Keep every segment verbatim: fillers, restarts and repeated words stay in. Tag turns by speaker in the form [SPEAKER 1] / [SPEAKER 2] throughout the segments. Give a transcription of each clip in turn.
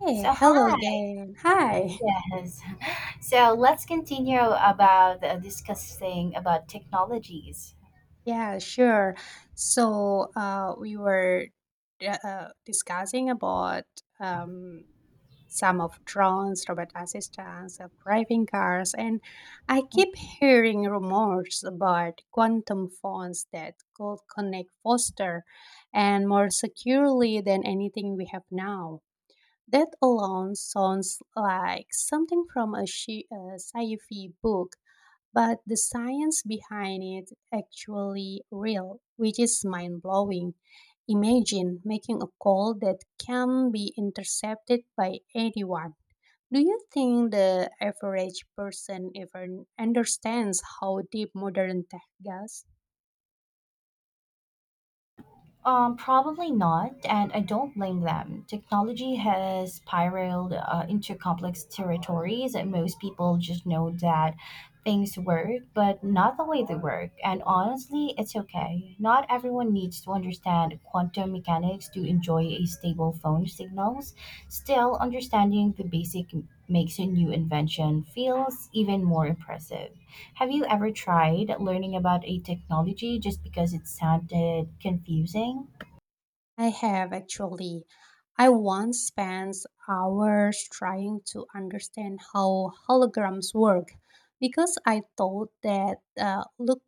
[SPEAKER 1] Hey,
[SPEAKER 2] So
[SPEAKER 1] hello
[SPEAKER 2] hi,
[SPEAKER 1] again. Hi.
[SPEAKER 2] yes. So let's continue about uh, discussing about technologies.
[SPEAKER 1] Yeah, sure. So, uh, we were uh, uh, discussing about um, some of drones, robot assistants, of driving cars, and I keep hearing rumors about quantum phones that could connect faster and more securely than anything we have now. That alone sounds like something from a, shi- a sci-fi book, but the science behind it actually real, which is mind blowing. Imagine making a call that can be intercepted by anyone. Do you think the average person even understands how deep modern tech goes?
[SPEAKER 2] Um, probably not, and I don't blame them. Technology has spiraled uh, into complex territories, and most people just know that things work, but not the way they work. And honestly, it's okay. Not everyone needs to understand quantum mechanics to enjoy a stable phone signals. Still, understanding the basic makes a new invention feels even more impressive. Have you ever tried learning about a technology just because it sounded confusing?
[SPEAKER 1] I have actually. I once spent hours trying to understand how holograms work because I thought that uh, look,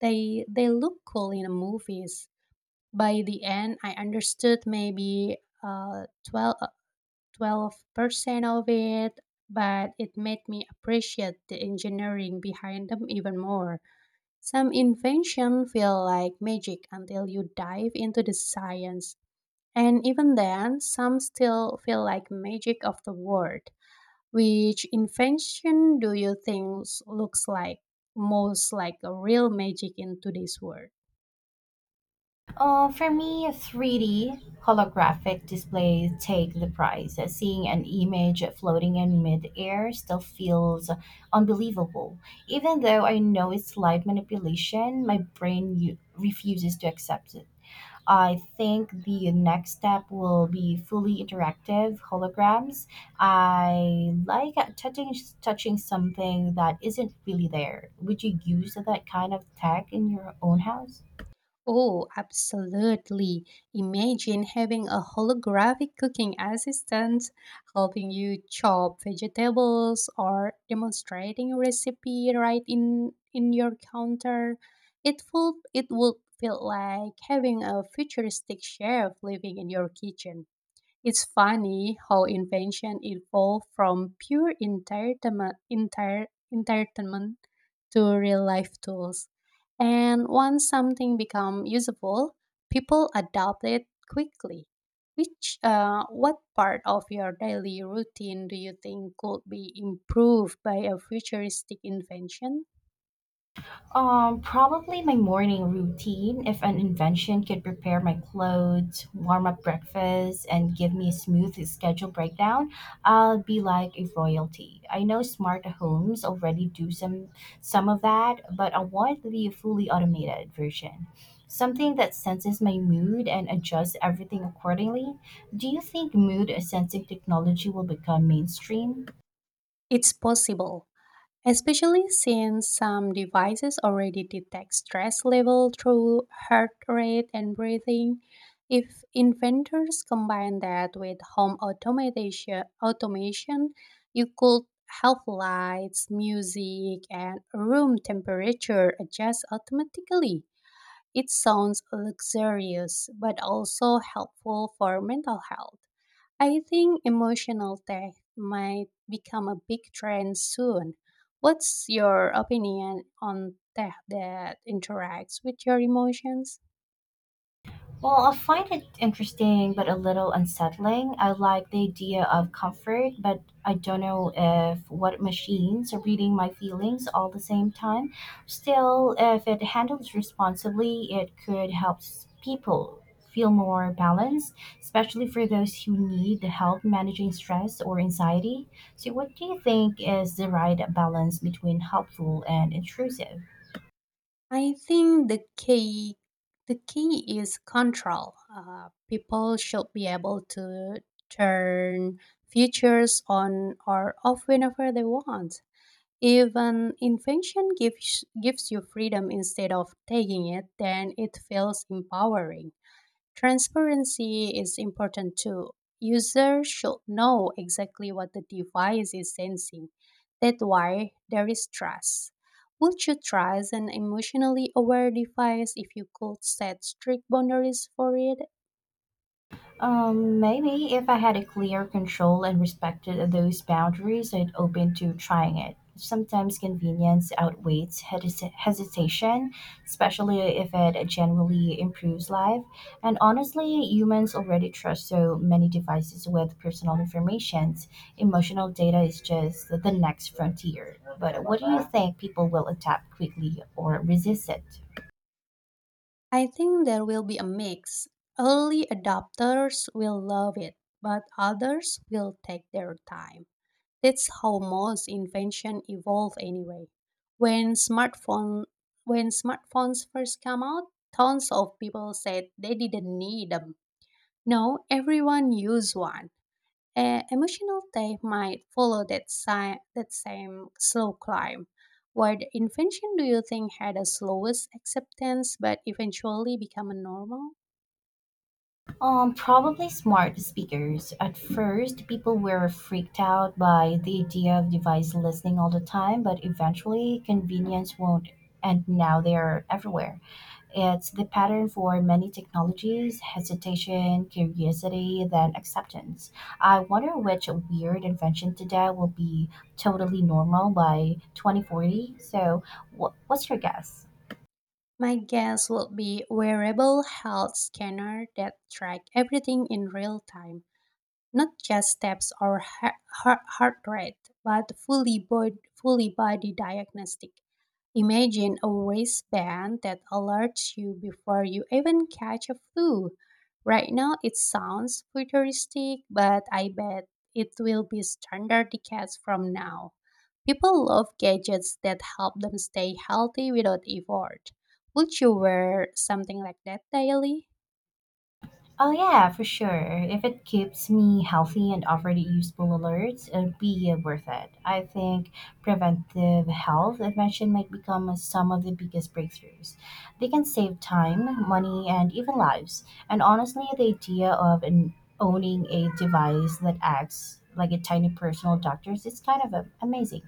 [SPEAKER 1] they they look cool in the movies. By the end, I understood maybe uh, 12 percent of it, but it made me appreciate the engineering behind them even more. Some invention feel like magic until you dive into the science, and even then, some still feel like magic of the world. Which invention do you think looks like most like a real magic in today's world?
[SPEAKER 2] Uh, for me, three D holographic displays take the prize. Seeing an image floating in midair still feels unbelievable. Even though I know it's light manipulation, my brain u- refuses to accept it. I think the next step will be fully interactive holograms. I like touching touching something that isn't really there. Would you use that kind of tech in your own house?
[SPEAKER 1] Oh, absolutely. Imagine having a holographic cooking assistant helping you chop vegetables or demonstrating a recipe right in in your counter. It would it would feel like having a futuristic chef living in your kitchen. It's funny how invention evolved from pure entertainment, enter, entertainment, to real life tools. And once something become usable, people adopt it quickly. Which, uh, what part of your daily routine do you think could be improved by a futuristic invention?
[SPEAKER 2] Um, probably my morning routine. If an invention could prepare my clothes, warm up breakfast, and give me a smooth schedule breakdown, I'll be like a royalty. I know smart homes already do some some of that, but I want the fully automated version. Something that senses my mood and adjusts everything accordingly. Do you think mood sensing technology will become mainstream?
[SPEAKER 1] It's possible, especially since some devices already detect stress level through heart rate and breathing. If inventors combine that with home automation, automation, you could have lights, music, and room temperature adjust automatically. It sounds luxurious but also helpful for mental health. I think emotional tech might become a big trend soon. What's your opinion on tech that interacts with your emotions?
[SPEAKER 2] Well, I find it interesting but a little unsettling. I like the idea of comfort, but I don't know if what machines are reading my feelings all the same time. Still, if it handles responsibly, it could help s- people feel more balanced, especially for those who need the help managing stress or anxiety. So, what do you think is the right balance between helpful and intrusive?
[SPEAKER 1] I think the key The key is control. Uh, people should be able to turn features on or off whenever they want. If an invention gives gives you freedom instead of taking it, then it feels empowering. Transparency is important too. Users should know exactly what the device is sensing. That's why there is trust. Would you trust an emotionally aware device if you could set strict boundaries for it?
[SPEAKER 2] Um, maybe if I had a clear control and respected those boundaries, I'd open to trying it. Sometimes convenience outweighs hes- hesitation, especially if it generally improves life. And honestly, humans already trust so many devices with personal information. Emotional data is just the next frontier. But what do you think people will adapt quickly or resist it?
[SPEAKER 1] I think there will be a mix. Early adopters will love it, but others will take their time. That's how most invention evolve anyway. When smartphone when smartphones first came out, tons of people said they didn't need them. No, everyone used one. A emotional tech might follow that si- that same slow climb. What invention do you think had the slowest acceptance but eventually become a normal?
[SPEAKER 2] Um, probably smart speakers. At first, people were freaked out by the idea of device listening all the time, but eventually, convenience won't, and now they are everywhere. It's the pattern for many technologies hesitation, curiosity, then acceptance. I wonder which weird invention today will be totally normal by twenty forty. So, wh- what's your guess?
[SPEAKER 1] My guess would be wearable health scanner that track everything in real time. Not just steps or heart, heart, heart rate, but fully body, fully body diagnostic. Imagine a wristband that alerts you before you even catch a flu. Right now, it sounds futuristic, but I bet it will be standard decades from now. People love gadgets that help them stay healthy without effort. Would you wear something like that daily?
[SPEAKER 2] Oh yeah, for sure. If it keeps me healthy and offered useful alerts, it'd be uh, worth it. I think preventive health intervention might become uh, some of the biggest breakthroughs. They can save time, money, and even lives. And honestly, the idea of an, owning a device that acts like a tiny personal doctor is kind of uh, amazing.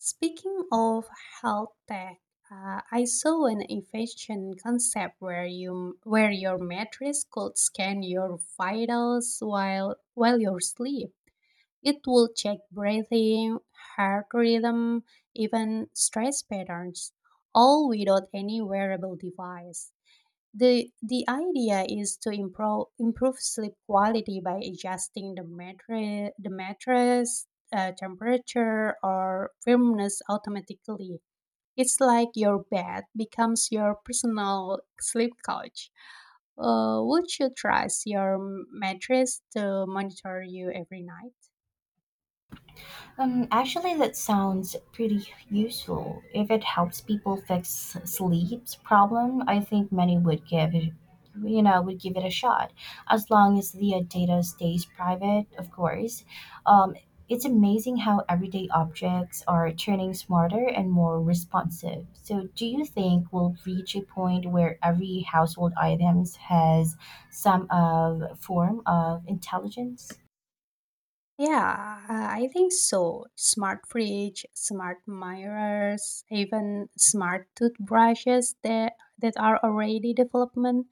[SPEAKER 1] Speaking of health tech, uh, I saw an invention concept where you where your mattress could scan your vitals while while you're asleep. It will check breathing, heart rhythm, even stress patterns, all without any wearable device. The the idea is to improve improve sleep quality by adjusting the mattress the mattress uh, temperature or firmness automatically. It's like your bed becomes your personal sleep coach. Uh, would you trust your mattress to monitor you every night?
[SPEAKER 2] Um, actually, that sounds pretty useful. If it helps people fix sleep's problem, I think many would give it, you know, would give it a shot. As long as the uh, data stays private, of course. Um, it's amazing how everyday objects are turning smarter and more responsive. So, do you think we'll reach a point where every household items has some of form of intelligence?
[SPEAKER 1] Yeah, uh, I think so. Smart fridge, smart mirrors, even smart toothbrushes that that are already development.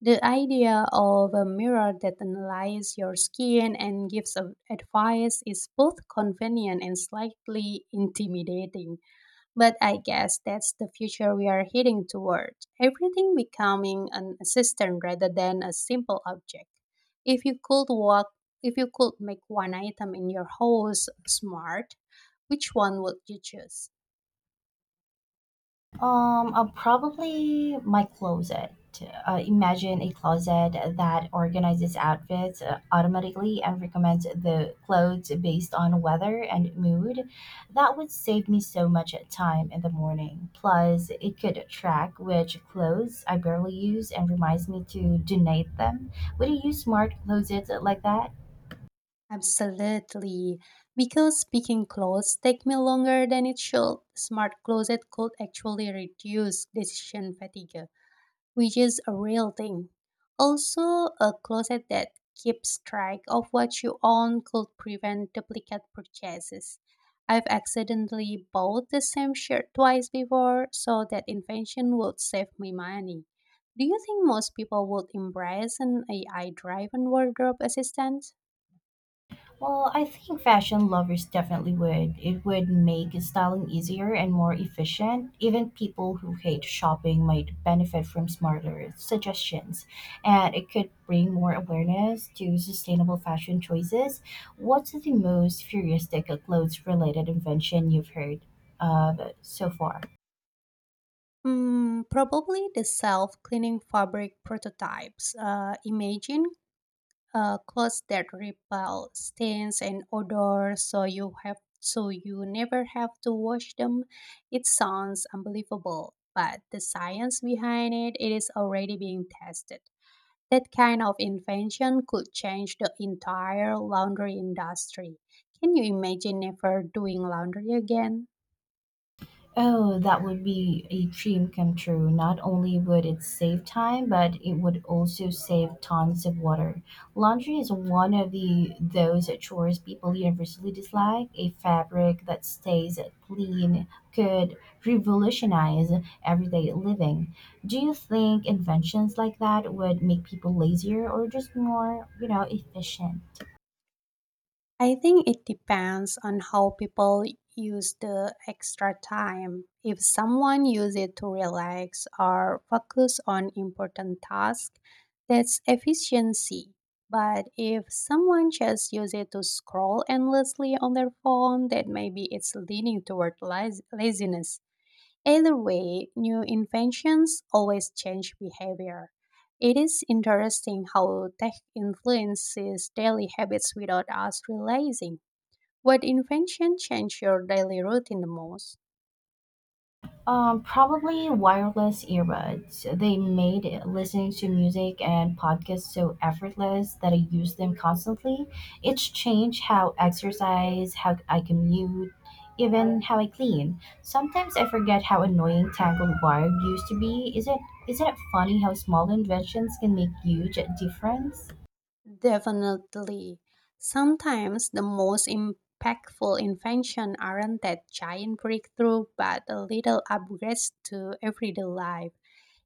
[SPEAKER 1] The idea of a mirror that analyzes your skin and gives a- advice is both convenient and slightly intimidating. But I guess that's the future we are heading toward. Everything becoming an assistant rather than a simple object. If you could walk, if you could make one item in your house smart, which one would you choose?
[SPEAKER 2] Um, uh, probably my closet. Uh, imagine a closet that organizes outfits uh, automatically and recommends the clothes based on weather and mood. That would save me so much time in the morning. Plus, it could track which clothes I barely use and reminds me to donate them. Would you use smart closets like that?
[SPEAKER 1] Absolutely. Because picking clothes take me longer than it should, smart closet could actually reduce decision fatigue, which is a real thing. Also, a closet that keeps track of what you own could prevent duplicate purchases. I've accidentally bought the same shirt twice before, so that invention would save me money. Do you think most people would embrace an A I driven wardrobe assistant?
[SPEAKER 2] Well, I think fashion lovers definitely would. It would make styling easier and more efficient. Even people who hate shopping might benefit from smarter suggestions, and it could bring more awareness to sustainable fashion choices. What's the most futuristic clothes related invention you've heard of so far?
[SPEAKER 1] Mm, probably the self cleaning fabric prototypes. Uh, imagine uh, clothes that repel stains and odor so you have so you never have to wash them. It sounds unbelievable, but the science behind it, it is already being tested. That kind of invention could change the entire laundry industry. Can you imagine never doing laundry again?
[SPEAKER 2] Oh, that would be a dream come true. Not only would it save time, but it would also save tons of water. Laundry is one of the those chores people universally dislike. A fabric that stays clean could revolutionize everyday living. Do you think inventions like that would make people lazier or just more, you know, efficient?
[SPEAKER 1] I think it depends on how people use the extra time. If someone uses it to relax or focus on important tasks, that's efficiency. But if someone just uses it to scroll endlessly on their phone, that maybe it's leaning toward laz- laziness. Either way, new inventions always change behavior. It is interesting how tech influences daily habits without us realizing. What invention changed your daily routine the most?
[SPEAKER 2] Um, probably wireless earbuds. They made listening to music and podcasts so effortless that I use them constantly. It's changed how I exercise, how I commute, even how I clean. Sometimes I forget how annoying tangled wire used to be. Is it Isn't it funny how small inventions can make huge difference?
[SPEAKER 1] Definitely. Sometimes the most impactful invention aren't that giant breakthrough but a little upgrades to everyday life.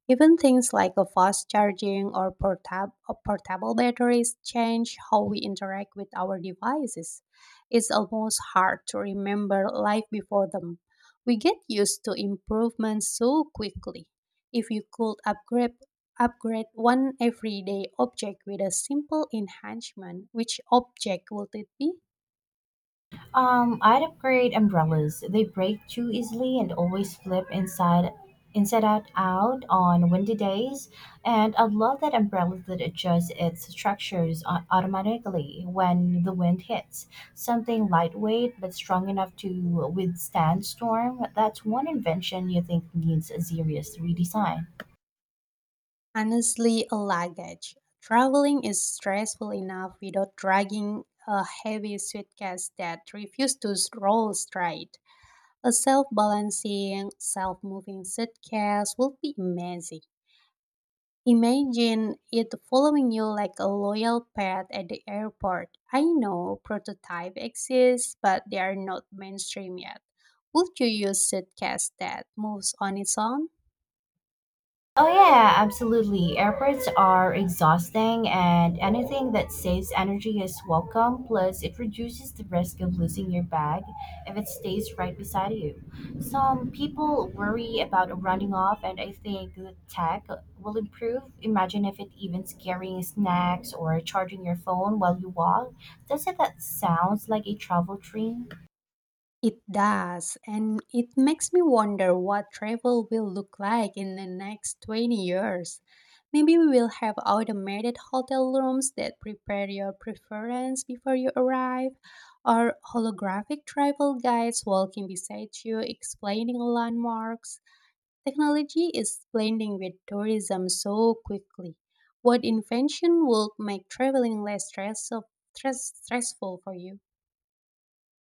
[SPEAKER 1] Even things like a fast charging or portab- or portable batteries change how we interact with our devices. It's almost hard to remember life before them. We get used to improvements so quickly. If you could upgrade upgrade one everyday object with a simple enhancement, which object would it be?
[SPEAKER 2] Um, I'd upgrade umbrellas. They break too easily and always flip inside inside out out on windy days. And I love that umbrella that adjusts its structures au- automatically when the wind hits. Something lightweight but strong enough to withstand storm. That's one invention you think needs a serious redesign.
[SPEAKER 1] Honestly, a luggage. Traveling is stressful enough without dragging a heavy suitcase that refuses to roll straight. A self-balancing, self-moving suitcase would be amazing. Imagine it following you like a loyal pet at the airport. I know prototype exists, but they are not mainstream yet. Would you use suitcase that moves on its own?
[SPEAKER 2] Oh, yeah, absolutely. Airports are exhausting, and anything that saves energy is welcome. Plus, it reduces the risk of losing your bag if it stays right beside you. Some people worry about running off, and I think the tech will improve. Imagine if it even carrying snacks or charging your phone while you walk. Doesn't that sounds like a travel dream?
[SPEAKER 1] It does, and it makes me wonder what travel will look like in the next twenty years. Maybe we will have automated hotel rooms that prepare your preference before you arrive, or holographic travel guides walking beside you explaining landmarks. Technology is blending with tourism so quickly. What invention would make traveling less stress- stressful for you?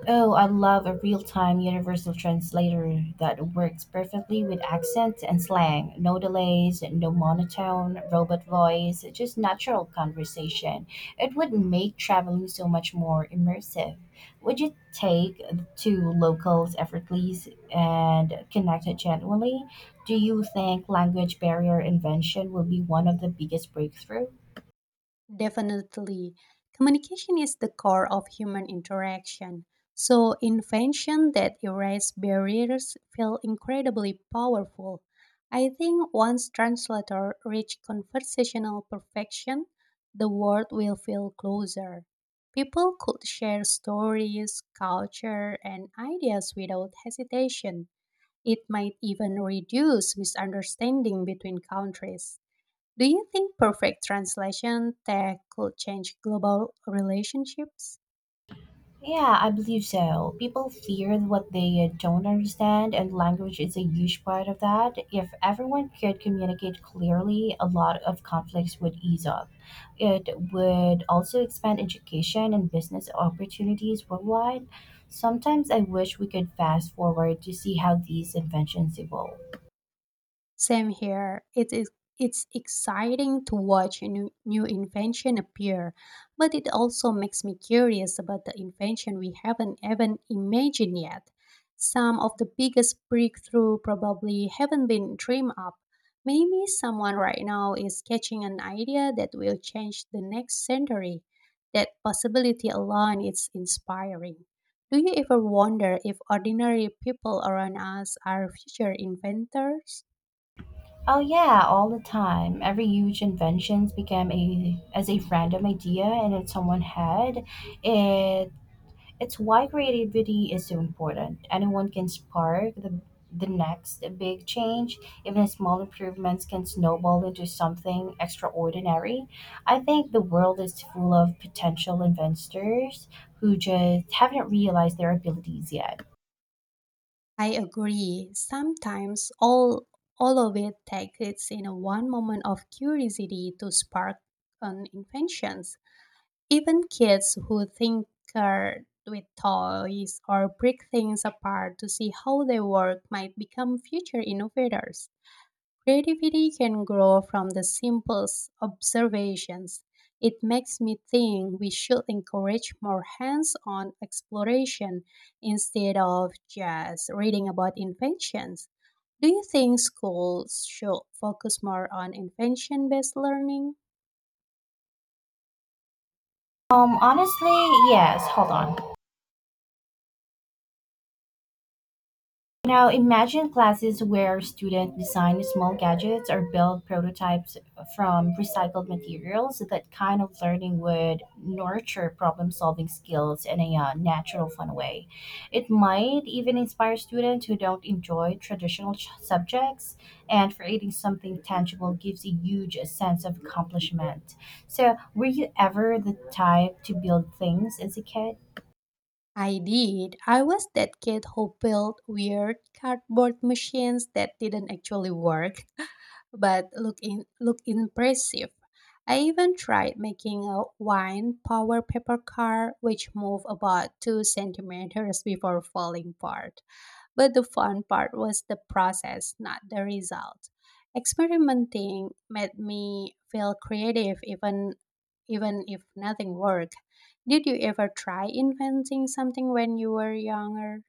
[SPEAKER 2] Oh, I love a real-time universal translator that works perfectly with accents and slang. No delays, no monotone, robot voice, just natural conversation. It would make traveling so much more immersive. Would you take two locals effortlessly and connect genuinely? Do you think language barrier invention will be one of the biggest breakthrough?
[SPEAKER 1] Definitely. Communication is the core of human interaction. So, invention that erase barriers feel incredibly powerful. I think once translator reach conversational perfection, the world will feel closer. People could share stories, culture, and ideas without hesitation. It might even reduce misunderstanding between countries. Do you think perfect translation tech could change global relationships?
[SPEAKER 2] Yeah, I believe so. People fear what they don't understand, and language is a huge part of that. If everyone could communicate clearly, a lot of conflicts would ease up. It would also expand education and business opportunities worldwide. Sometimes I wish we could fast forward to see how these inventions evolve.
[SPEAKER 1] Same here. It is it's exciting to watch a new, new invention appear, but it also makes me curious about the invention we haven't even imagined yet. Some of the biggest breakthrough probably haven't been dreamed up. Maybe someone right now is catching an idea that will change the next century. That possibility alone is inspiring. Do you ever wonder if ordinary people around us are future inventors?
[SPEAKER 2] Oh yeah, all the time. Every huge inventions became a as a random idea and in someone's head. It It's why creativity is so important. Anyone can spark the, the next big change. Even small improvements can snowball into something extraordinary. I think the world is full of potential investors who just haven't realized their abilities yet.
[SPEAKER 1] I agree. Sometimes all all of it takes is in a one moment of curiosity to spark an inventions. Even kids who think tinker with toys or break things apart to see how they work might become future innovators. Creativity can grow from the simplest observations. It makes me think we should encourage more hands on exploration instead of just reading about inventions. Do you think schools should focus more on invention based learning?
[SPEAKER 2] Um, honestly, yes, hold on. Now imagine classes where students design small gadgets or build prototypes from recycled materials. That kind of learning would nurture problem solving skills in a uh, natural, fun way. It might even inspire students who don't enjoy traditional ch- subjects, and creating something tangible gives a huge sense of accomplishment. So, were you ever the type to build things as a kid?
[SPEAKER 1] I did. I was that kid who built weird cardboard machines that didn't actually work, but look in look impressive. I even tried making a wine power paper car which moved about two centimeters before falling apart. But the fun part was the process, not the result. Experimenting made me feel creative even even if nothing worked. Did you ever try inventing something when you were younger?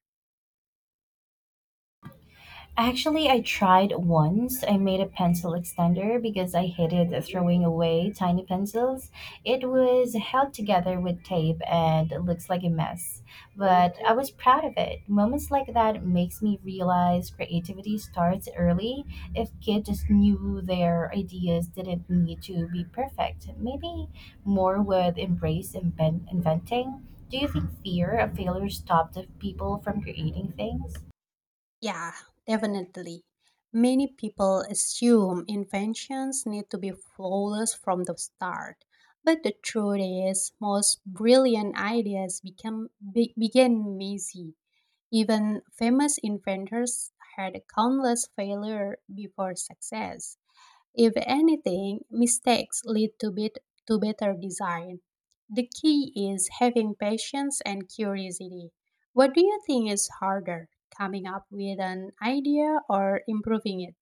[SPEAKER 2] Actually, I tried once. I made a pencil extender because I hated throwing away tiny pencils. It was held together with tape and it looks like a mess, but I was proud of it. Moments like that makes me realize creativity starts early. If kids just knew their ideas didn't need to be perfect, maybe more would embrace invent- inventing. Do you think fear of failure stopped people from creating things?
[SPEAKER 1] Yeah, definitely. Many people assume inventions need to be flawless from the start. But the truth is, most brilliant ideas become be, begin messy. Even famous inventors had countless failure before success. If anything, mistakes lead to, bit, to better design. The key is having patience and curiosity. What do you think is harder, coming up with an idea or improving it?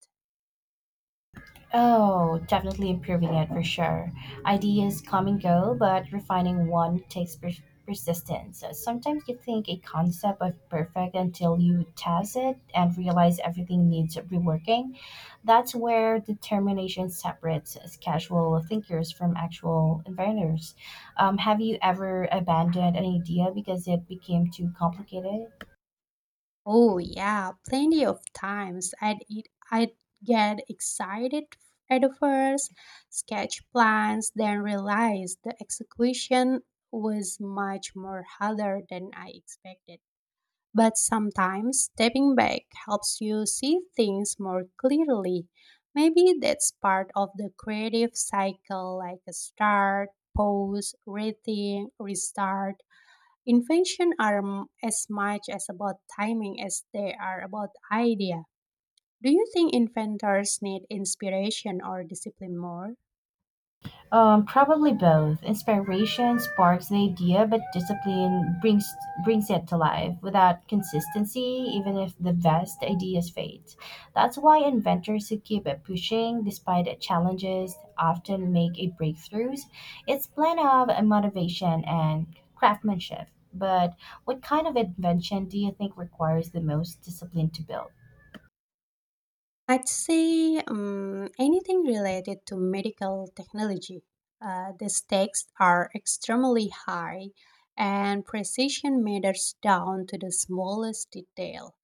[SPEAKER 2] Oh, definitely improving it for sure. Ideas come and go, but refining one takes pers- persistence. So, Sometimes you think a concept is perfect until you test it and realize everything needs reworking. That's where determination separates us casual thinkers from actual inventors. Um, have you ever abandoned an idea because it became too complicated?
[SPEAKER 1] Oh, yeah, plenty of times I'd, eat, I'd get excited at the first, sketch plans, then realize the execution was much more harder than I expected. But sometimes stepping back helps you see things more clearly. Maybe that's part of the creative cycle like a start, pause, rethink, restart. Invention are m- as much as about timing as they are about idea. Do you think inventors need inspiration or discipline more?
[SPEAKER 2] Um, probably both. Inspiration sparks an idea, but discipline brings brings it to life. Without consistency, even if the best ideas fade, that's why inventors who keep it pushing despite challenges often make a breakthroughs. It's blend of motivation and craftsmanship. But what kind of invention do you think requires the most discipline to build?
[SPEAKER 1] I'd say um, anything related to medical technology. Uh, the stakes are extremely high, and precision matters down to the smallest detail.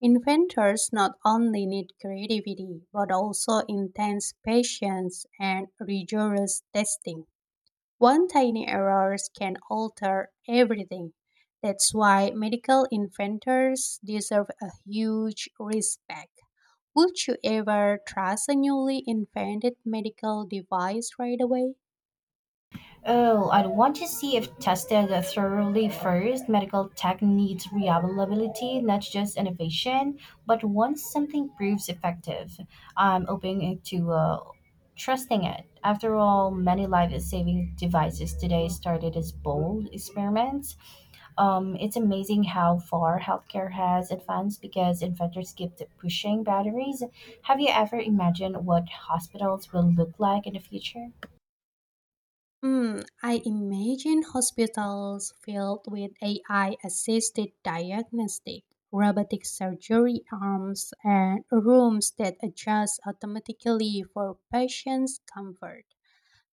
[SPEAKER 1] Inventors not only need creativity, but also intense patience and rigorous testing. One tiny error can alter everything. That's why medical inventors deserve a huge respect. Would you ever trust a newly invented medical device right away?
[SPEAKER 2] Oh, I'd want to see if tested thoroughly first. Medical tech needs reliability, not just innovation. But once something proves effective, I'm open to uh, trusting it. After all, many life-saving devices today started as bold experiments. Um, it's amazing how far healthcare has advanced because inventors keep pushing boundaries. Have you ever imagined what hospitals will look like in the future?
[SPEAKER 1] Hmm, I imagine hospitals filled with A I assisted diagnostic, robotic surgery arms, and rooms that adjust automatically for patients' comfort.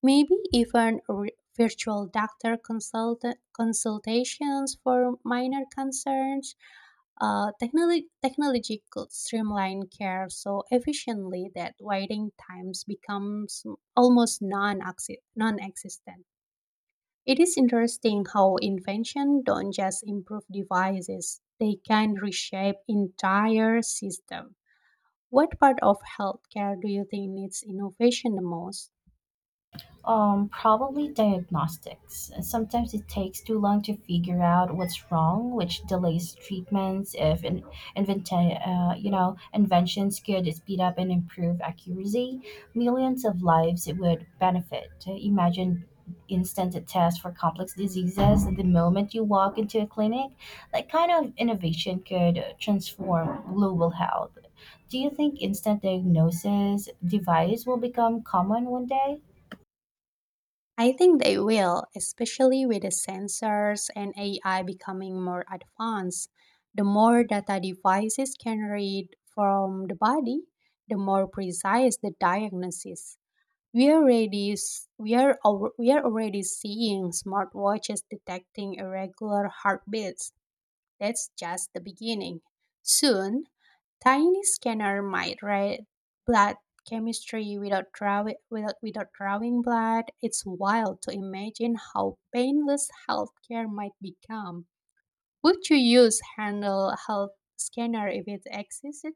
[SPEAKER 1] Maybe even re- virtual doctor consult- consultations for minor concerns. Uh, technology, technology could streamline care so efficiently that waiting times becomes almost non-exi- non-existent. It is interesting how invention don't just improve devices; they can reshape entire system. What part of healthcare do you think needs innovation the most?
[SPEAKER 2] Um, probably diagnostics. Sometimes it takes too long to figure out what's wrong, which delays treatments. If in, invent, uh, you know, inventions could speed up and improve accuracy, millions of lives would benefit. Imagine instant tests for complex diseases the moment you walk into a clinic. That kind of innovation could transform global health. Do you think instant diagnosis device will become common one day?
[SPEAKER 1] I think they will, especially with the sensors and A I becoming more advanced. The more data devices can read from the body, the more precise the diagnosis. We are already s- we are al- We are already seeing smartwatches detecting irregular heartbeats, that's just the beginning. Soon, tiny scanner might read blood chemistry without drawing without, without drawing blood. It's wild to imagine how painless healthcare might become. Would you use handle health scanner if it existed?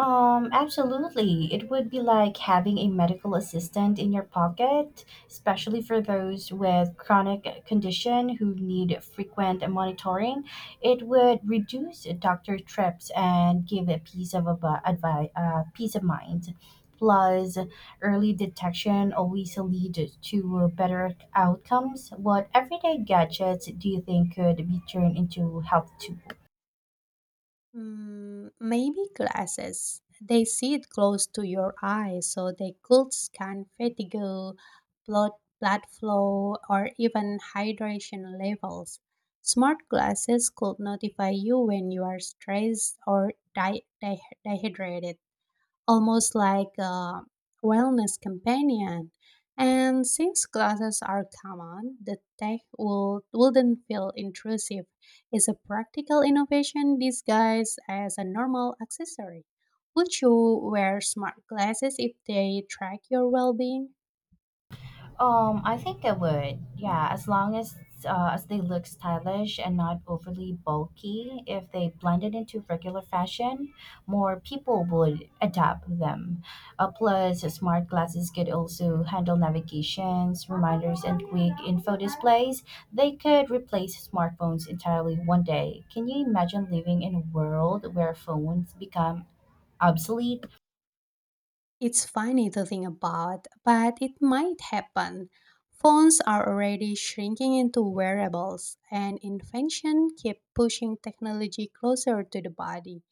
[SPEAKER 2] Um, absolutely. It would be like having a medical assistant in your pocket, especially for those with chronic condition who need frequent monitoring. It would reduce doctor trips and give a piece of advice, uh, peace of mind. Plus, early detection always leads to better outcomes. What everyday gadgets do you think could be turned into health tools?
[SPEAKER 1] Mm, maybe glasses. They sit close to your eye, so they could scan fatigue, blood blood flow, or even hydration levels. Smart glasses could notify you when you are stressed or di- di- dehydrated, almost like a wellness companion. And since glasses are common, the tech will, wouldn't feel intrusive. It's a practical innovation disguised as a normal accessory. Would you wear smart glasses if they track your well being?
[SPEAKER 2] Um, I think I would. Yeah, as long as uh, as they look stylish and not overly bulky. If they blended into regular fashion, more people would adapt them. Uh, plus, smart glasses could also handle navigations, reminders, and quick info displays. They could replace smartphones entirely one day. Can you imagine living in a world where phones become obsolete?
[SPEAKER 1] It's funny to think about, but it might happen. Phones are already shrinking into wearables, and invention keep pushing technology closer to the body.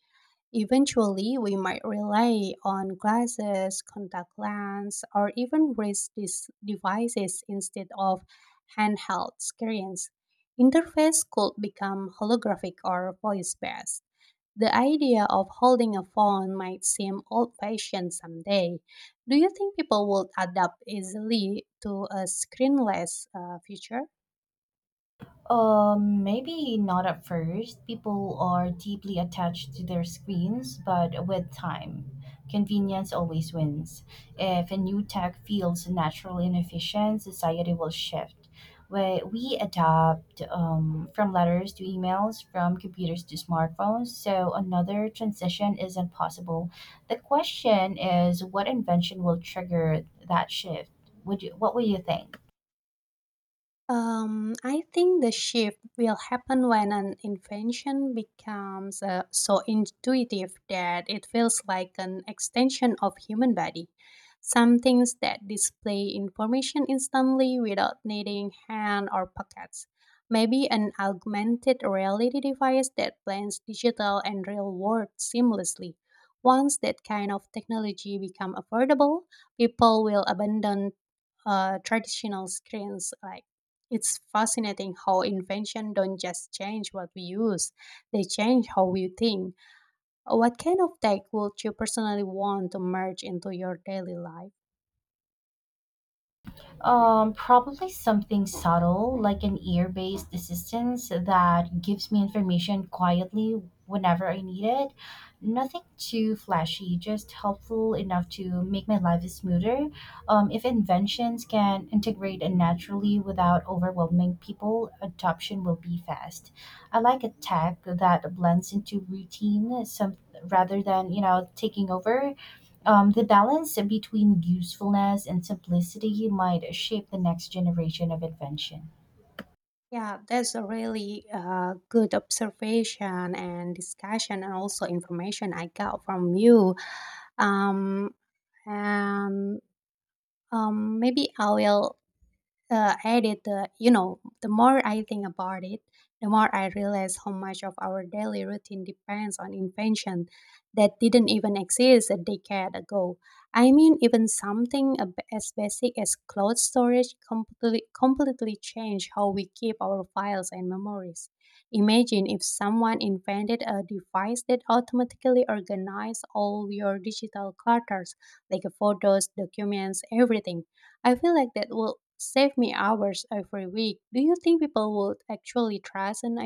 [SPEAKER 1] Eventually, we might rely on glasses, contact lenses, or even wrist dis- devices instead of handheld screens. Interface could become holographic or voice based. The idea of holding a phone might seem old fashioned someday. Do you think people would adapt easily to a screenless uh, future?
[SPEAKER 2] Um, maybe not at first. People are deeply attached to their screens, but with time, convenience always wins. If a new tech feels naturally inefficient, society will shift. We, we adapt um, from letters to emails, from computers to smartphones, so another transition isn't possible. The question is what invention will trigger that shift? Would you, what would you think?
[SPEAKER 1] Um, I think the shift will happen when an invention becomes uh, so intuitive that it feels like an extension of human body. Some things that display information instantly without needing hand or pockets. Maybe an augmented reality device that blends digital and real world seamlessly. Once that kind of technology become affordable, people will abandon uh, traditional screens like it's fascinating how invention don't just change what we use, they change how we think. What kind of tech would you personally want to merge into your daily life?
[SPEAKER 2] Um, probably something subtle, like an ear based assistance that gives me information quietly whenever I need it. Nothing too flashy, just helpful enough to make my life smoother. Um, if inventions can integrate naturally without overwhelming people, adoption will be fast. I like a tech that blends into routine some rather than, you know, taking over. Um, the balance between usefulness and simplicity might shape the next generation of invention.
[SPEAKER 1] Yeah, that's a really uh, good observation and discussion, and also information I got from you. Um, and um, maybe I will uh, added the, you know, the more I think about it, the more I realize how much of our daily routine depends on invention that didn't even exist a decade ago. I mean, even something ab- as basic as cloud storage completely completely changed how we keep our files and memories. Imagine if someone invented a device that automatically organized all your digital clutters, like photos, documents, everything. I feel like that will save me hours every week. Do you think people would actually trust an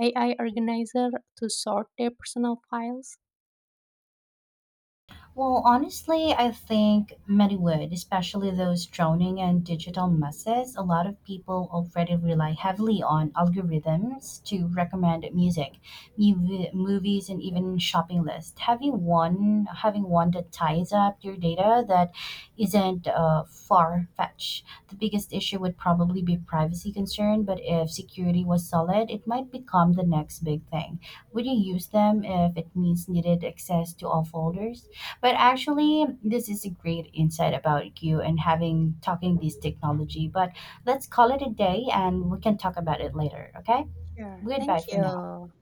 [SPEAKER 1] A I organizer to sort their personal files?
[SPEAKER 2] Well, honestly, I think many would, especially those drowning in digital messes. A lot of people already rely heavily on algorithms to recommend music, mu- movies, and even shopping lists. Having one, having one that ties up your data that isn't uh, far fetched. The biggest issue would probably be privacy concern, but if security was solid, it might become the next big thing. Would you use them if it means needed access to all folders? But actually, this is a great insight about you and having talking this technology. But let's call it a day and we can talk about it later, okay?
[SPEAKER 1] Sure.
[SPEAKER 2] Goodbye
[SPEAKER 1] Thank
[SPEAKER 2] for now.
[SPEAKER 1] you.